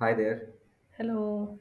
Hi there. Hello.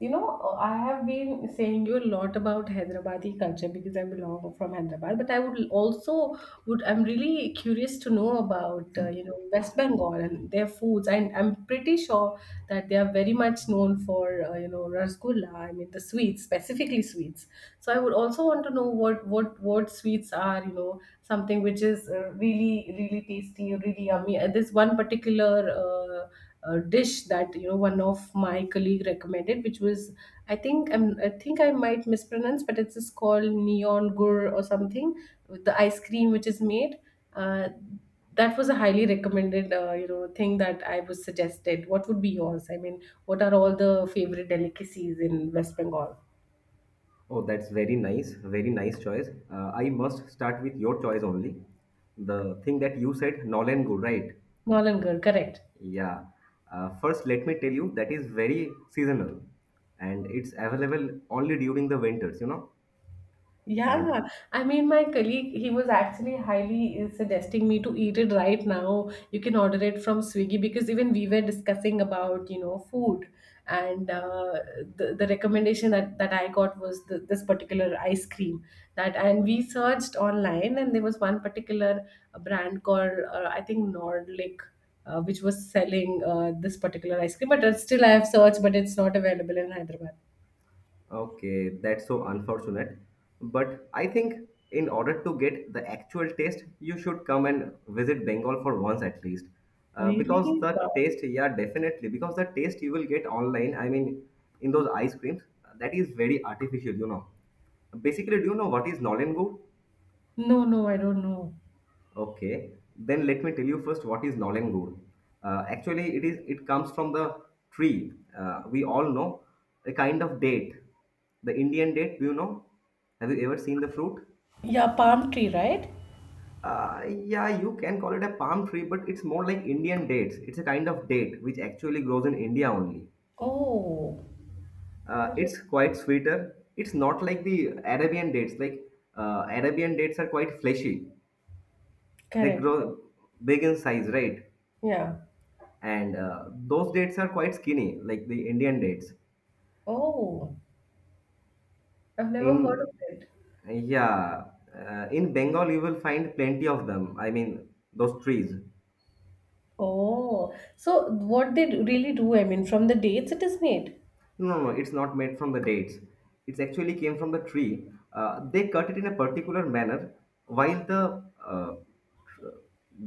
You know, I have been saying you a lot about Hyderabadi culture because I belong from Hyderabad, but I would also would I'm really curious to know about West Bengal and their foods. And I'm pretty sure that they are very much known for rasgulla. I mean the sweets, specifically sweets. So I would also want to know what sweets are something which is really really tasty, really yummy. This one particular. Dish that one of my colleague recommended, which was I think I might mispronounce, but it's just called neon gur or something with the ice cream which is made. Uh, that was a highly recommended thing that I was suggested. What would be yours? I mean, what are all the favorite delicacies in West Bengal? Oh, that's very nice. Very nice choice. I must start with your choice only. The thing that you said, Nolan Good, right? Nolan gur, correct. Yeah. First, let me tell you that is very seasonal and it's available only during the winters, you know. And Yeah, I mean, my colleague, he was actually highly suggesting me to eat it right now. You can order it from Swiggy because even we were discussing about, food. And the recommendation that I got was this particular ice cream and we searched online, and there was one particular brand called, I think Nordlic, which was selling this particular ice cream. But still, I have searched, but it's not available in Hyderabad. okay, that's so unfortunate. But I think in order to get the actual taste, you should come and visit Bengal for once at least. Because Really? the Wow. taste, yeah, definitely. Because the taste you will get online, I mean, in those ice creams, that is very artificial, you know. Basically, do you know what is Nollen? No, no, I don't know. Okay, then let me tell you first what is Nolengur. Actually, it comes from the tree. We all know a kind of date. The Indian date, do you know? Have you ever seen the fruit? Yeah, palm tree, right? Yeah, you can call it a palm tree, but it's more like Indian dates. It's a kind of date which actually grows in India only. Oh, It's quite interesting. sweeter. It's not like the Arabian dates. Like Arabian dates are quite fleshy. They Correct. grow big in size, right? Yeah. And those dates are quite skinny, like the Indian dates. Oh. I've never heard of In, it. yeah, in Bengal you will find plenty of them, I mean those trees. Oh. So what they really do, I mean, from the dates it is made. No, no, it's not made from the dates. It's actually came from the tree. They cut it in a particular manner while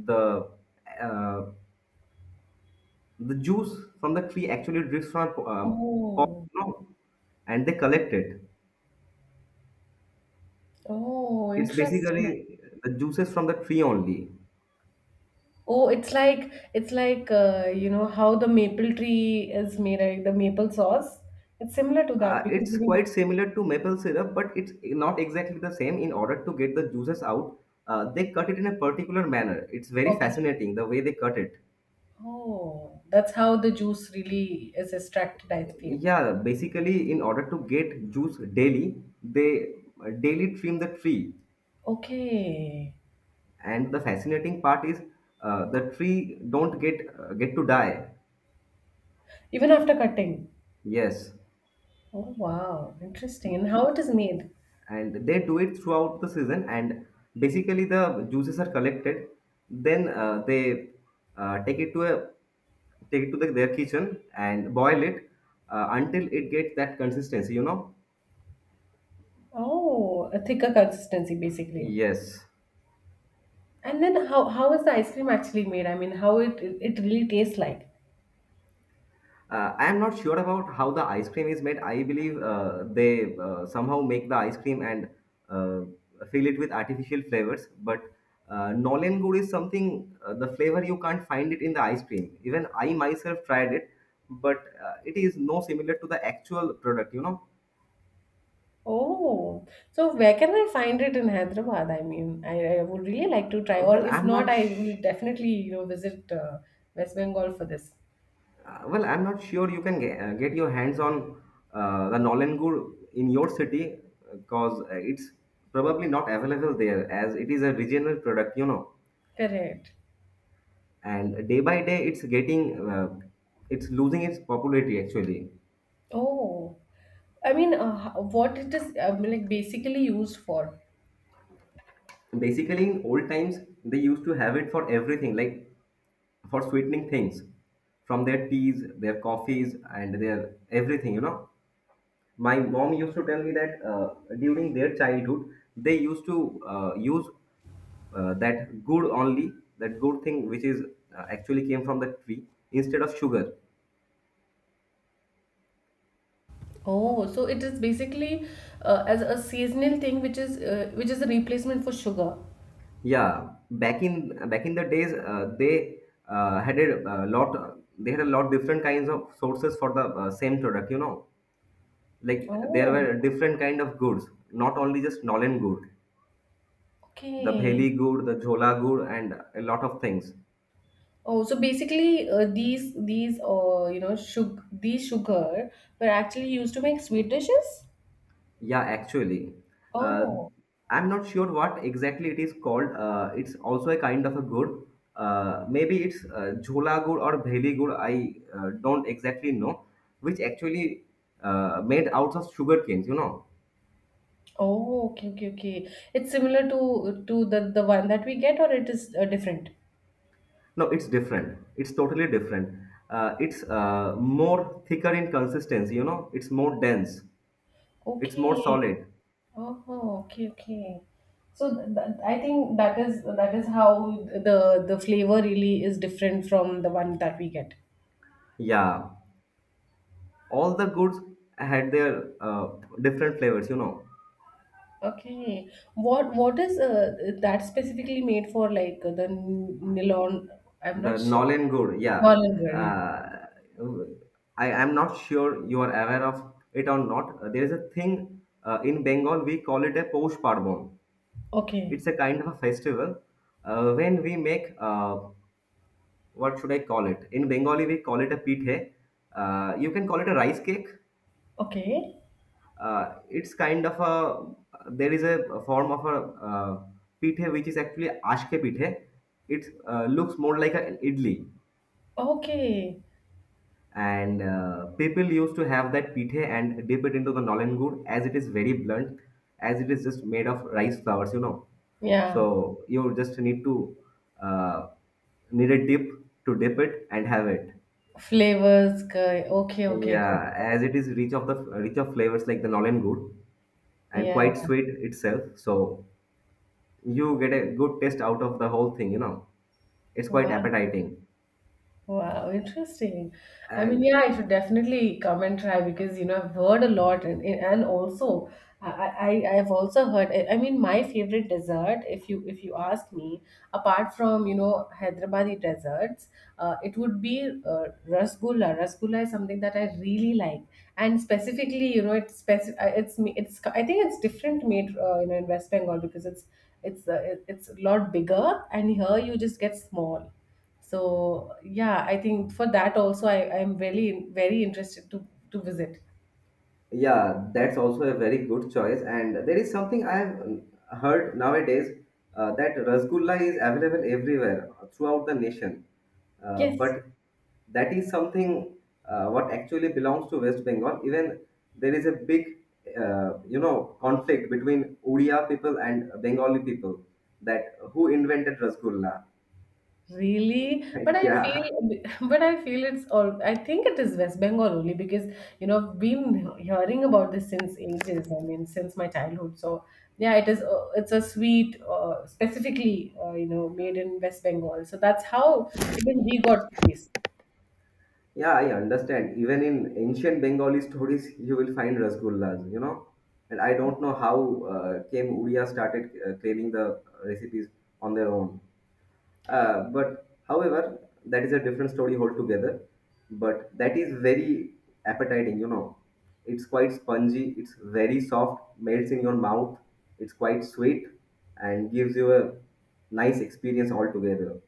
the uh, the juice from the tree actually drips from pot, Oh. you know, and they collect it. Oh, It's interesting. basically the juices from the tree only. Oh, it's like how the maple tree is made, like the maple sauce. It's similar to that because It's even. quite similar to maple syrup, but it's not exactly the same. In order to get the juices out, they cut it in a particular manner. It's very Okay. fascinating the way they cut it. Oh, that's how the juice really is extracted, I feel. Yeah, basically, in order to get juice daily, they daily trim the tree. Okay. And the fascinating part is the tree don't get to die. Even after cutting. Yes. Oh wow, interesting. And how it is made? And they do it throughout the season, and basically the juices are collected. Then they take it to the, their kitchen and boil it until it gets that consistency, you know. Oh, a thicker consistency basically. Yes. And then how is the ice cream actually made? I mean, how it really tastes like? I am not sure about how the ice cream is made. I believe they somehow make the ice cream and uh, fill it with artificial flavors. But Nolen good is something, the flavor you can't find it in the ice cream. Even I myself tried it, but it is no similar to the actual product, you know. Oh, so where can I find it in Hyderabad? I mean, I would really like to try, Uh, or well, if I'm not, not I will definitely visit West Bengal for this. well, I'm not sure you can get your hands on the Nolengur in your city because it's probably not available there, as it is a regional product, you know. Correct. And day by day, it's getting, it's losing its popularity actually. Oh, I mean, what it is like basically used for? Basically, in old times, they used to have it for everything, like for sweetening things, from their teas, their coffees, and their everything, you know. My mom used to tell me that during their childhood they used to use that good thing, which is actually came from the tree, instead of sugar. Oh, so it is basically as a seasonal thing, which is which is a replacement for sugar. Yeah, back in the days, they had a lot different kinds of sources for the same product, you know. Like there Oh, were different kind of goods, not only just nolen good, the okay. bheli good, the jhola good, and a lot of things. Oh, so basically, these sugar were actually used to make sweet dishes. Yeah, actually, uh, Oh, I'm not sure what exactly it is called. It's also a kind of a good. Maybe it's jhola good or bheli good. I don't exactly know, which actually made out of sugar canes, you know. oh, okay, okay, okay. It's similar to the one that we get, or it is different. No, it's different. It's totally different. It's more thicker in consistency. You know, it's more dense. It's more Okay. solid. Oh, okay, okay. So th th I think that is how the the flavor really is different from the one that we get. Yeah, all the goods had their different flavors, you know. Okay. What is that specifically made for like nylon? I'm not The sure. Nolan Good, yeah. Nylon wear, yeah. Uh, I am not sure you are aware of it or not. There is a thing in Bengal, we call it a Poush Parbon. Okay. It's a kind of a festival when we make, what should I call it? In Bengali, we call it a pithe. You can call it a rice cake. Okay. It's kind of a, there is a form of a pithe which is actually ashke pithe. It looks more like an idli, Okay. and people used to have that pithe and dip it into the nolan good, as it is very blunt, as it is just made of rice flours, you know. So Yeah. you just need to uh, need a dip, to dip it and have it. Flavors. Okay. Okay. Got Yeah, as it. it is rich of the, rich of flavors like the nolan good, and Yeah. quite sweet itself, so you get a good taste out of the whole thing, you know. It's quite Wow. appetizing. Wow, interesting. I mean, And yeah, I should definitely come and try because I've heard a lot, and also I have also heard. I mean, my favorite dessert, if you ask me, apart from Hyderabadi desserts, it would be rasgulla. Rasgulla is something that I really like, and specifically, it's speci- it's ma- it's I think it's different made in West Bengal because it's a lot bigger, and here you just get small. So yeah, I think for that also I'm really very interested to visit. yeah, that's also a very good choice. And there is something I have heard nowadays, that rasgulla is available everywhere throughout the nation. Yes, But that is something what actually belongs to West Bengal. Even there is a big, you know, conflict between Odia people and Bengali people, that who invented rasgulla. really. But I Yeah. feel but I feel it's all I think it is West Bengal only because I've been hearing about this since ages. I mean since my childhood. So yeah, it's a sweet specifically made in West Bengal. So that's how even we got to taste. Yeah, I understand. Even in ancient Bengali stories, you will find rasgullas, you know. And I don't know how came Udia started claiming the recipes on their own. But however, that is a different story altogether. But that is very appetizing, you know. It's quite spongy. It's very soft, melts in your mouth. It's quite sweet, and gives you a nice experience altogether.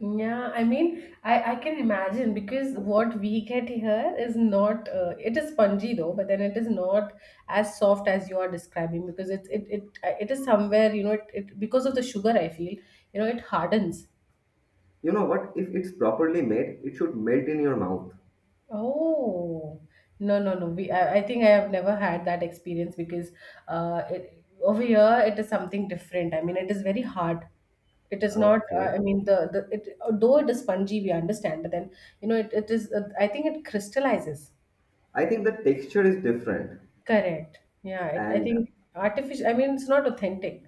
Yeah, I mean, I can imagine because what we get here is not, it is spongy though, but then it is not as soft as you are describing because it is somewhere, because of the sugar, I feel, it hardens. You know what? If it's properly made, it should melt in your mouth. Oh, no, no, no. I think I have never had that experience because over here it is something different. I mean, it is very hard. It is not. Okay. I mean, the it though it is spongy, we understand. But then it is. I think it crystallizes. I think the texture is different, Correct. Yeah. I and think artificial. I mean, it's not authentic.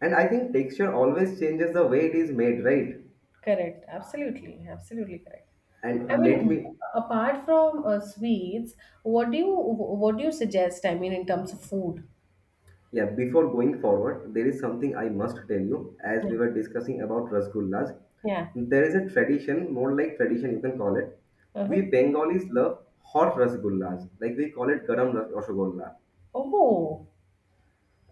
and I think texture always changes the way it is made, right? Correct. Absolutely. Absolutely correct. I And let mean, me, apart from sweets, what do you suggest? I mean, in terms of food. yeah, before going forward, there is something I must tell you, as Yeah. we were discussing about rasgullas. Yeah. There is a tradition, more like tradition you can call it. Uh-huh. We Bengalis love hot rasgullas, like we call it rasgulla. Oh,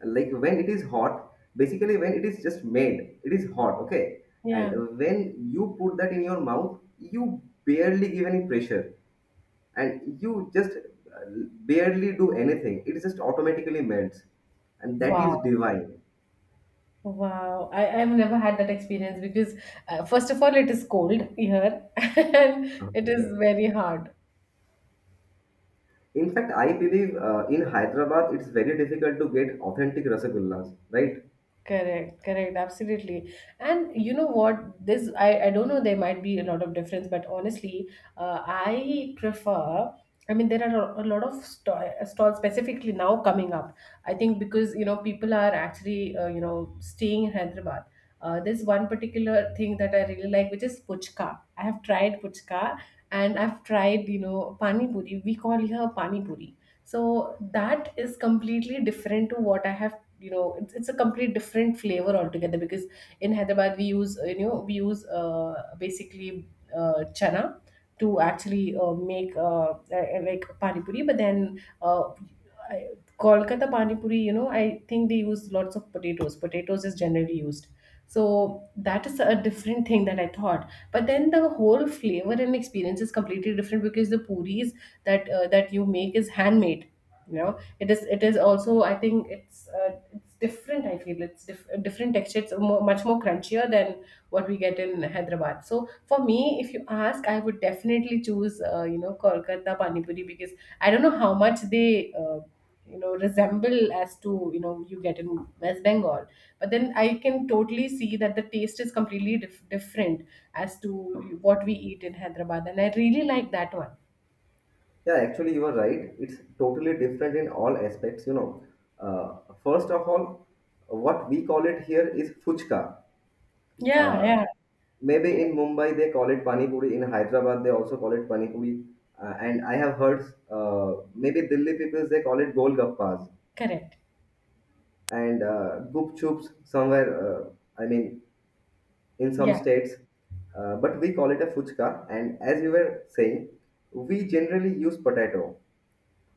Like when it is hot, basically when it is just made it is hot, okay. yeah. And when you put that in your mouth, you barely give any pressure, and you just barely do anything, it just automatically melts. And that is Wow. divine. Wow. I've never had that experience because, first of all, it is cold here and it is Okay, very hard. in fact I believe in Hyderabad it's very difficult to get authentic rasagullas, right? Correct, correct, absolutely. And you know what? This I don't know. There might be a lot of difference, but honestly, I prefer. I mean, there are a lot of stalls specifically now coming up. I think because people are actually staying in Hyderabad. There's one particular thing that I really like, which is puchka. I have tried puchka, and I've tried pani puri. We call here pani puri, so that is completely different to what I have it's a complete different flavor altogether because in Hyderabad we use, basically, chana to actually make, like, pani puri, but then uh, I- Kolkata pani puri. I think they use lots of potatoes. Potatoes is generally used, so that is a different thing that I thought. But then the whole flavor and experience is completely different because the puris that you make is handmade. You know, it is also I think it's different. I feel it's a different texture. It's much more crunchier than what we get in Hyderabad. So for me, if you ask, I would definitely choose Kolkata pani puri because I don't know how much they. Resemble as to you get in West Bengal, but then I can totally see that the taste is completely different as to what we eat in Hyderabad, and I really like that one. Yeah, actually, you are right. It's totally different in all aspects, you know. Uh, first of all, what we call it here is fuchka. Yeah, Uh, yeah, maybe in Mumbai they call it pani puri. In Hyderabad they also call it pani puri. And I have heard maybe Delhi people they call it golgappas, correct, and gup chups somewhere. I mean, in some yeah, states, but we call it a fuchka. And as you were saying, we generally use potato.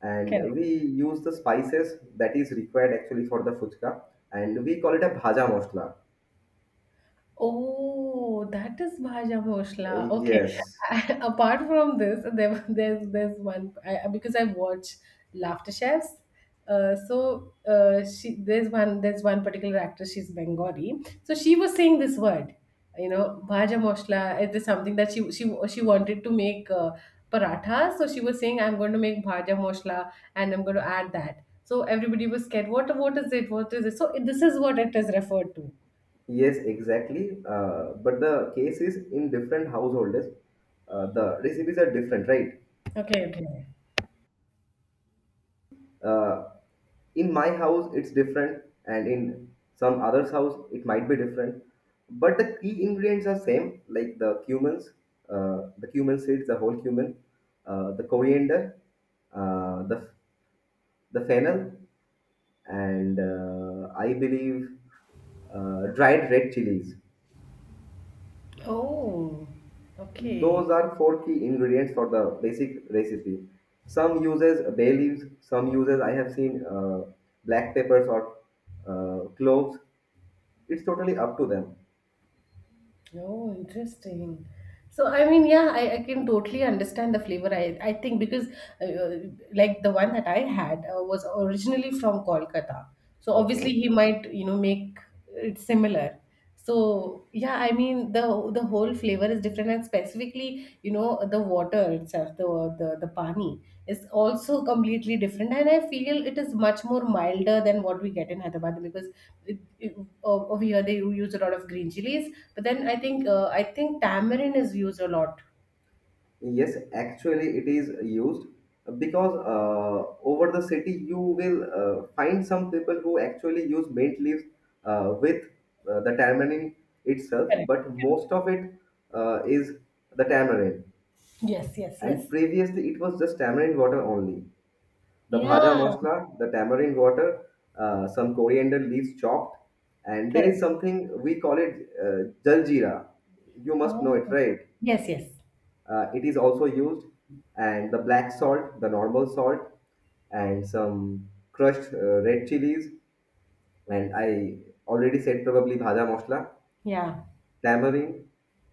And correct. we use the spices that is required actually for the fuchka, and we call it a bhaja masala. Oh, that is Bhaja Bhosle. Okay. Yes, Apart from this, there's one, because I watch Laughter Chefs. So, she there's one particular actress. She's Bengali. So she was saying this word, Bhaja Bhosle. It is something that she she wanted to make paratha. So she was saying, I'm going to make Bhaja Bhosle and I'm going to add that. So everybody was scared. What is it? What is it? So this is what it is referred to. yes, exactly. But the case is in different households, the recipes are different, right? Okay. Okay. Uh, in my house it's different, and in some other's house it might be different, but the key ingredients are same, like the cumins, the cumin seeds, the whole cumin, the coriander, uh, the the fennel, and I believe dried red chilies. Oh, okay. Those are four key ingredients for the basic recipe. Some uses bay leaves, some uses, I have seen black peppers or cloves. It's totally up to them. Oh, interesting. So, I mean, yeah, I can totally understand the flavor. I think because, uh, uh, like, the one that I had was originally from Kolkata. So, obviously, Okay. he might, make it similar. So yeah, I mean the whole flavor is different, and specifically, the water itself, the pani is also completely different, and I feel it is much more milder than what we get in Hyderabad because it, it, over here they use a lot of green chilies, but then I think tamarind is used a lot. Yes, actually, it is used, because over the city you will find some people who actually use mint leaves with the tamarind itself, Correct. but most of it is the tamarind. Yes, yes, And yes. previously, it was just tamarind water only. The bhaja Yeah, masala, the tamarind water, some coriander leaves chopped, and there is correct. something we call it jaljeera. You must know Oh, it, right? yes, yes. It is also used, and the black salt, the normal salt, and some crushed red chilies, and I already said probably bhada masala, Yeah. tamarind,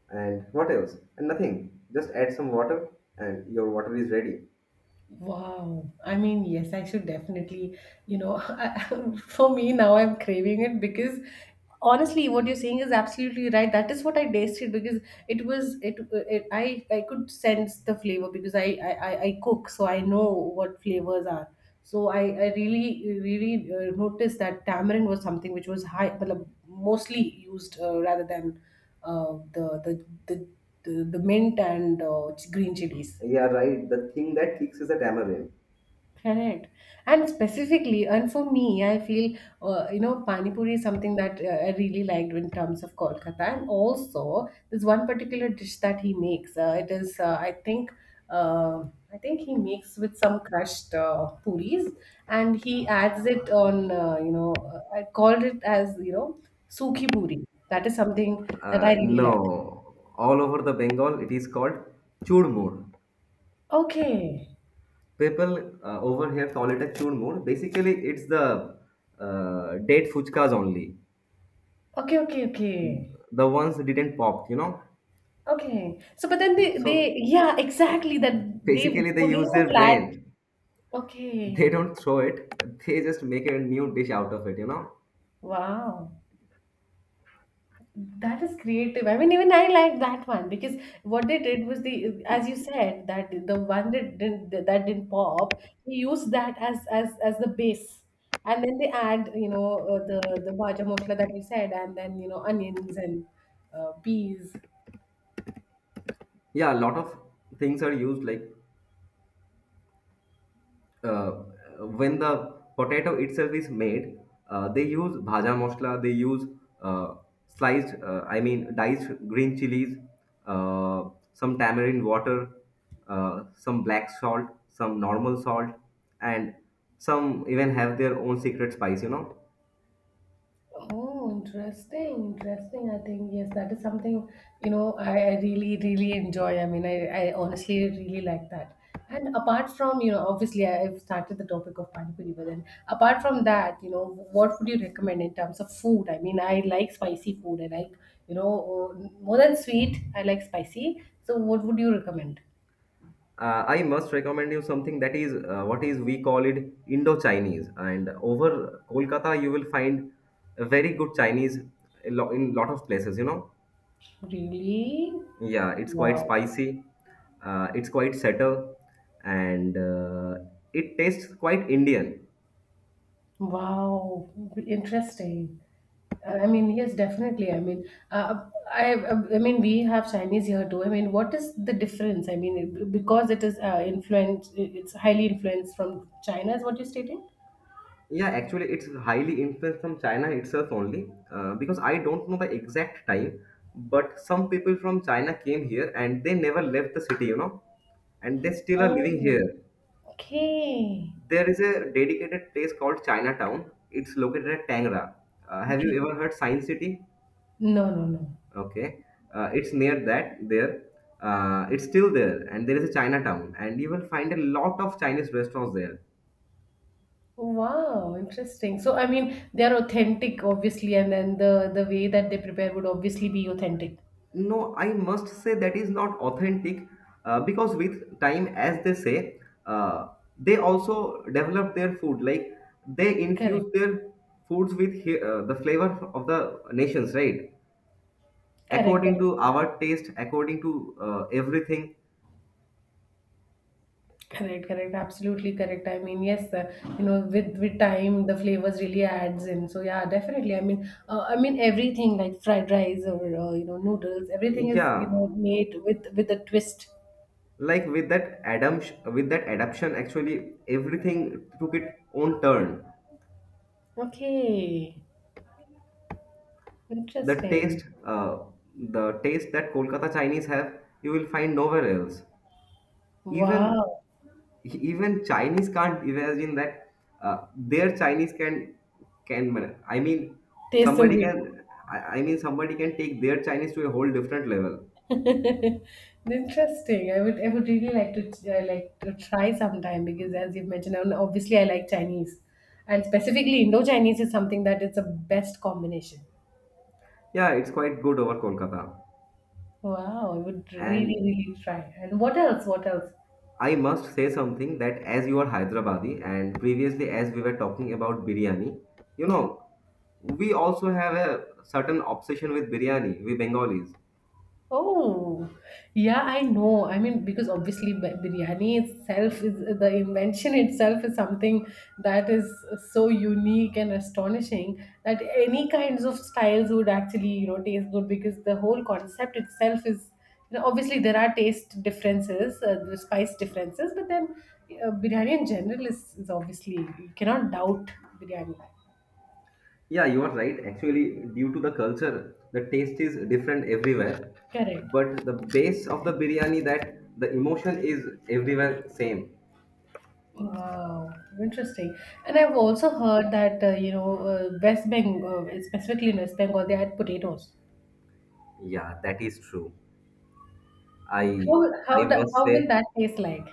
and what else? And nothing. Just add some water, and your water is ready. Wow. I mean, yes, I should definitely, for me now I'm craving it because honestly, what you're saying is absolutely right. That is what I tasted because it was it, it I could sense the flavor because I cook, so I know what flavors are. So I really really noticed that tamarind was something which was high, मतलब mostly used rather than uh, the the the the mint and green chilies. Yeah, right. The thing that kicks is the tamarind. Correct. And specifically, and for me, I feel, Pani Puri is something that I really liked in terms of Kolkata. And also, there's one particular dish that he makes. Uh, I think he makes with some crushed puris, and he adds it on, I called it as, Sukhi Puri. That is something that I really like. No, all over the Bengal it is called churmur. Okay. People over here call it a churmur. Basically, it's the date fuchkas only. Okay, okay, okay. The ones that didn't pop, you know, Okay. So, but then so they, yeah, exactly that they basically they put it use in a their flat. brain. They Okay. don't throw it. They just make a new dish out of it. Wow. That is creative. I mean, even I like that one because what they did was the, as you said, that the one that didn't pop, they used that as as the base, and then they add, you know, the bhaja mosla that you said, and then you know onions and peas. Yeah, a lot of things are used, like uh, when the potato itself is made, they use bhaja masala. They use uh, sliced I mean diced green chilies, uh, some tamarind water, some black salt, some normal salt, and some even have their own secret spice, you know. Oh, interesting, interesting. I think yes, that is something you know I really, really enjoy. I mean, I honestly really like that. And apart from you know, obviously I've started the topic of panipuri, but then apart from that, you know, what would you recommend in terms of food? I mean, I like spicy food. I like you know more than sweet. I like spicy. So, what would you recommend? I must recommend you something that is what is we call it Indo-Chinese. And over Kolkata, you will find a very good Chinese in lot of places. You know, Really? yeah, it's quite Wow. spicy, it's quite settle, and it tastes quite Indian. Wow, interesting. I mean, yes, definitely. I mean, uh, I, I mean, we have Chinese here too. I mean, what is the difference? I mean, because it is influenced, it's highly influenced from China, is what you're stating? Yeah, actually, it's highly influenced from China itself only because I don't know the exact time, but some people from China came here and they never left the city. You know, and they still are living Oh, here. okay. There is a dedicated place called Chinatown. It's located at Tangra. Have Okay. you ever heard Science City? No, no, no. Okay, it's near that there. It's still there, and there is a Chinatown, and you will find a lot of Chinese restaurants there. Wow, interesting. So, I mean, they are authentic, obviously, and then the way that they prepare would obviously be authentic. No, I must say that is not authentic because with time, as they say, uh, they also develop their food. Like they infuse Correct. their foods with the flavor of the nations, right? Correct. According Correct. to our taste, according to everything. Correct, correct, absolutely correct. I mean, yes, you know, with time, the flavors really adds in. So yeah, definitely. I mean everything like fried rice or you know noodles, everything is you Yeah, know made with a twist. like with that Adam, with that adaption actually everything took its own turn. Okay, The interesting. taste the taste that Kolkata Chinese have, you will find nowhere else. Even Wow, even Chinese can't imagine that their Chinese can can man- i mean tastes so somebody good. can, I mean somebody can take their Chinese to a whole different level. Interesting. I would really like to try sometime because as you've mentioned, and obviously I like Chinese, and specifically Indo Chinese is something that is the best combination. Yeah, it's quite good over Kolkata. Wow, I would really, And really try. And what else? What else? I must say something that as you are Hyderabadi and previously as we were talking about biryani, you Yeah. know, we also have a certain obsession with biryani, we Bengalis. Oh, yeah, I know. I mean, because obviously biryani itself is the invention itself is something that is so unique and astonishing that any kinds of styles would actually, you know, taste good because the whole concept itself is, you know, obviously there are taste differences, the spice differences, but then biryani in general is obviously, you cannot doubt biryani. Yeah, you are right. Actually, due to the culture, the taste is different everywhere. Correct. But the base of the biryani, that the emotion is everywhere same. Wow, interesting. And I've also heard that you know West Bengal, specifically in West Bengal, they had potatoes. Yeah, that is true. I How I must how will say that taste like?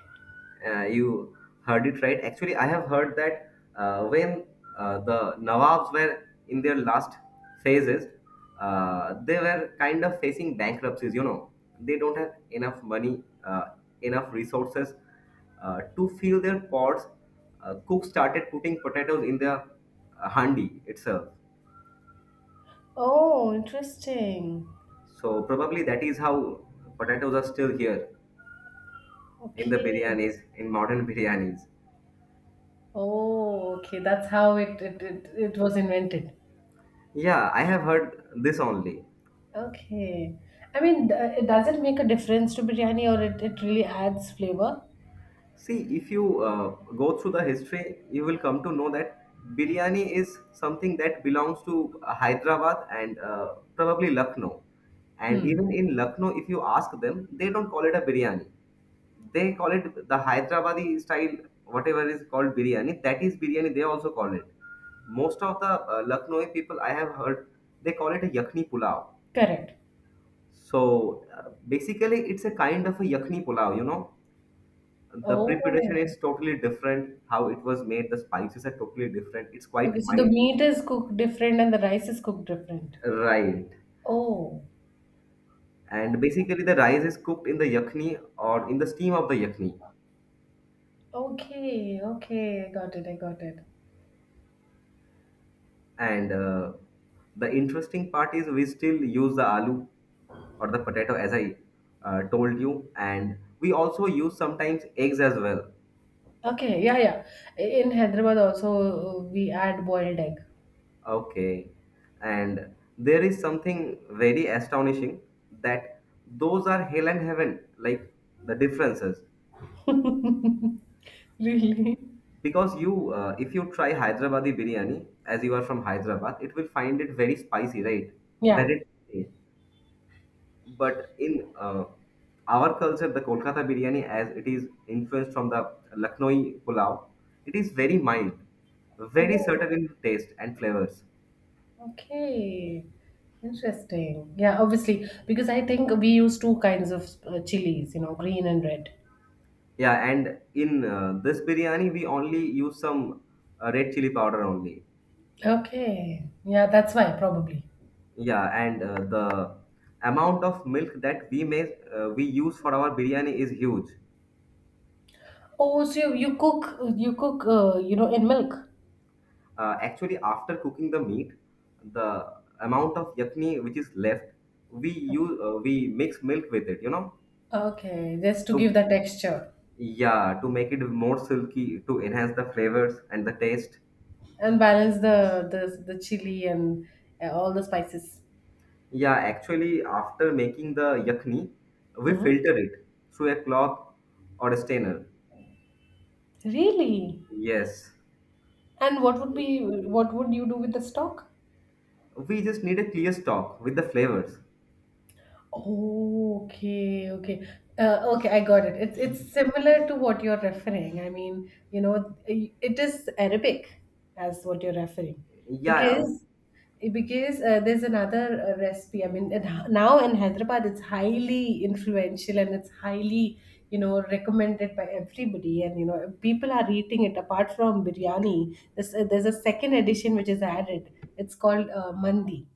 You heard it right. Actually, I have heard that when the Nawabs were in their last phases, they were kind of facing bankruptcies. You know, they don't have enough money, enough resources to fill their pots. Cook started putting potatoes in the handi itself. Oh, interesting. So probably that is how potatoes are still here in the Okay. biryanis, in modern biryanis. Oh, okay. That's how it was invented. Yeah, I have heard this only. Okay. I mean, does it make a difference to biryani, or it really adds flavor? See, if you go through the history, you will come to know that biryani is something that belongs to Hyderabad and probably Lucknow. And Hmm. even in Lucknow, if you ask them, they don't call it a biryani. They call it the Hyderabadi style, whatever is called biryani. That is biryani. They also call it. Most of the Lucknowi people I have heard, they call it a yakni pulao. Correct. So basically, it's a kind of a yakni pulao, you know, the preparation Oh. is totally different, how it was made, the spices are totally different, it's Okay. quite So the mild. meat is cooked different, and the rice is cooked different. Right. Oh. And basically the rice is cooked in the yakni or in the steam of the yakni, Okay, okay, I got it. and the interesting part is we still use the aloo or the potato, as I told you, and we also use sometimes eggs as well. Okay, yeah, yeah. In Hyderabad also we add boiled egg. Okay. And there is something very astonishing, that those are hell and heaven, like the differences. Really? Because you, if you try Hyderabadi biryani, as you are from Hyderabad, it will find it very spicy, right? Yeah. Very. Tasty. But in our culture, the Kolkata biryani, as it is influenced from the Lucknowi pulao, it is very mild, very Oh, certain in taste and flavors. okay. Interesting. Yeah, obviously, because I think we use two kinds of chilies, you know, green and red. Yeah, and in this biryani, we only use some red chili powder only. Okay. Yeah, that's why probably. Yeah, and the amount of milk that we use for our biryani is huge. Oh, so you, you cook you know in milk. Actually, after cooking the meat, the amount of yakni which is left, we mix milk with it. You know, Okay, just to give to the texture. yeah, to make it more silky, to enhance the flavors and the taste. And balance the chili and all the spices. Yeah, actually, after making the yakni, we Hmm? filter it through a cloth or a strainer. Really? Yes, And what would be what would you do with the stock? we just need a clear stock with the flavors. Okay, okay. Okay, I got it. It's similar to what you're referring. I mean, you know, it is Arabic as what you're referring Yeah, because because there's another recipe. I mean, it, now in Hyderabad, it's highly influential and it's highly, you know, recommended by everybody. And you know, people are eating it. Apart from biryani, there's a second edition which is added. It's called mandi.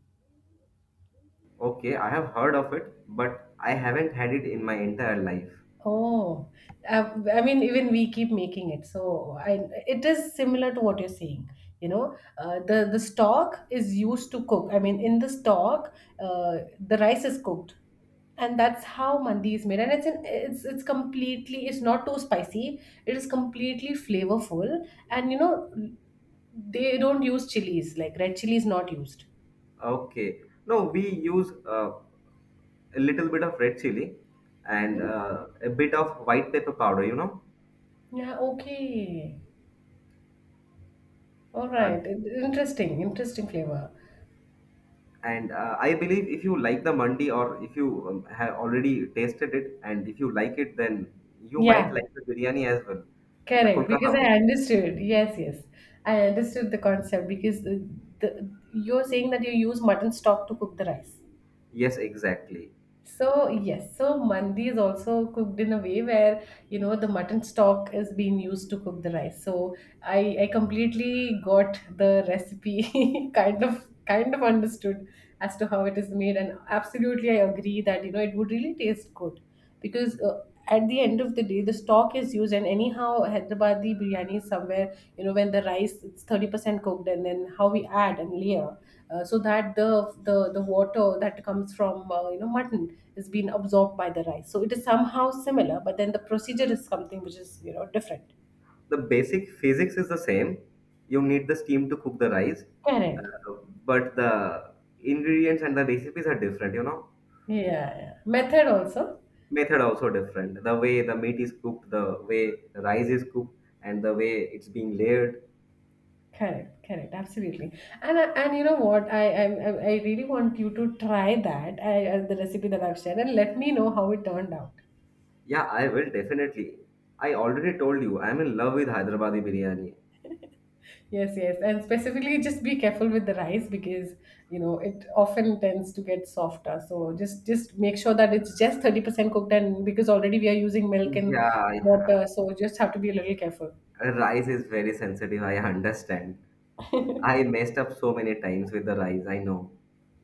okay, I have heard of it, but I haven't had it in my entire life. Oh, I mean, even we keep making it. So I, it is similar to what you're saying. You know, the stock is used to cook. I mean, in the stock, the rice is cooked, and that's how mandi is made. And it's an, it's completely. It's not too spicy. It is completely flavorful, and you know, they don't use chilies. Like red chili is not used. Okay. No, we use a little bit of red chili and Mhm. A bit of white pepper powder, you know. Yeah. Okay. All Uh, right. Interesting. Interesting flavor. and I believe if you like the mandi or if you have already tasted it and if you like it, then you might Yeah. like the biryani as well, the Correct, because Kolkata I one. understood. Yes, yes. I understood the concept because the, you're saying that you use mutton stock to cook the rice. Yes, exactly. So, yes, so mandi is also cooked in a way where, you know, the mutton stock is being used to cook the rice. So, I completely got the recipe kind of understood as to how it is made, and absolutely I agree that, you know, it would really taste good because at the end of the day the stock is used, and anyhow Hyderabadi biryani is somewhere you know when the rice it's 30% cooked and then how we add and layer, so that the water that comes from you know mutton is being absorbed by the rice, so it is somehow similar, but then the procedure is something which is you know different. The basic physics is the same. You need the steam to cook the rice, uh, Correct. but the ingredients and the recipes are different, you know. Yeah, yeah, yeah. Method also. Method also different, the way the meat is cooked, the way the rice is cooked, and the way it's being layered. Correct, correct, absolutely. And I, and you know what? I really want you to try that the recipe that I've shared, and let me know how it turned out. Yeah, I will definitely. I already told you I'm in love with Hyderabadi biryani. Yes, yes, and specifically just be careful with the rice because you know it often tends to get softer. So just make sure that it's just 30% cooked, and because already we are using milk and Yeah, yeah. water, so just have to be a little careful. Rice is very sensitive, I understand. I messed up so many times with the rice, I know.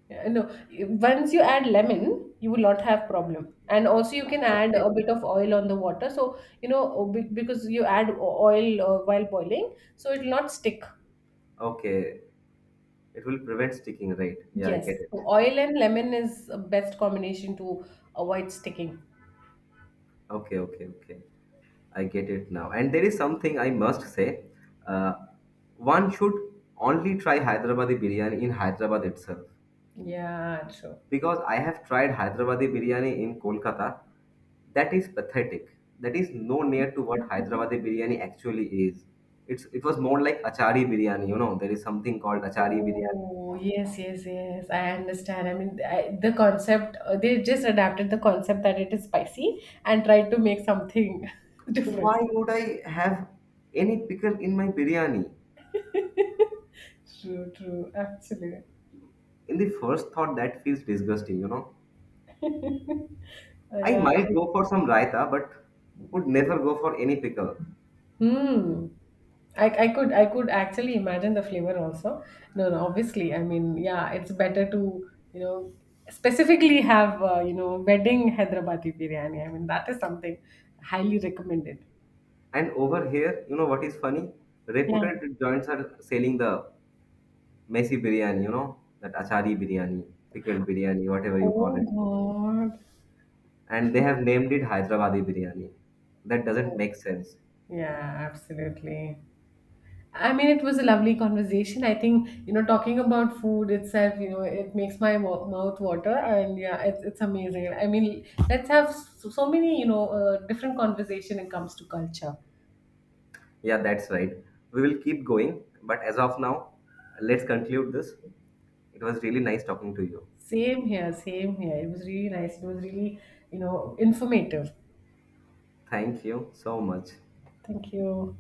Yeah, no, once you add lemon, you will not have problem. And also you can add a Okay, bit of oil on the water. So, you know, because you add oil while boiling, so it will not stick. okay, it will prevent sticking, right? Yeah, I Yes. get it. So oil and lemon is a best combination to avoid sticking. Okay, okay, okay. I get it now. And there is something I must say. Uh, one should only try Hyderabadi biryani in Hyderabad itself. Yeah, true. Because I have tried Hyderabadi biryani in Kolkata. That is pathetic. That is no near to what Hyderabadi biryani actually is. It's it was more like achari biryani, you know. There is something called achari biryani. Oh, yes, yes, yes. I understand. I mean, I, the concept, they just adapted the concept that it is spicy and tried to make something different. Why would I have any pickle in my biryani? True, true. Actually, In the first thought that feels disgusting, you know. I yeah, might true. go for some raita, but would never go for any pickle. Hmm. I could actually imagine the flavor also. No, no. Obviously, I mean, yeah, it's better to you know specifically have you know wedding Hyderabadi biryani. I mean, that is something highly recommended. And over here, you know what is funny? Yeah. Reputed joints are selling the messy biryani, you know, that achari biryani, pickled biryani, whatever you call Oh it. God. And they have named it Hyderabadi biryani. That doesn't Oh, make sense. yeah, absolutely. I mean, it was a lovely conversation. I think, you know, talking about food itself, you know, it makes my mouth water. And yeah, it's amazing. I mean, let's have so, so many, you know, different conversation when it comes to culture. Yeah, that's right. We will keep going, but as of now, let's conclude this. It was really nice talking to you. Same here, same here. It was really nice. It was really, you know, informative. Thank you so much. Thank you.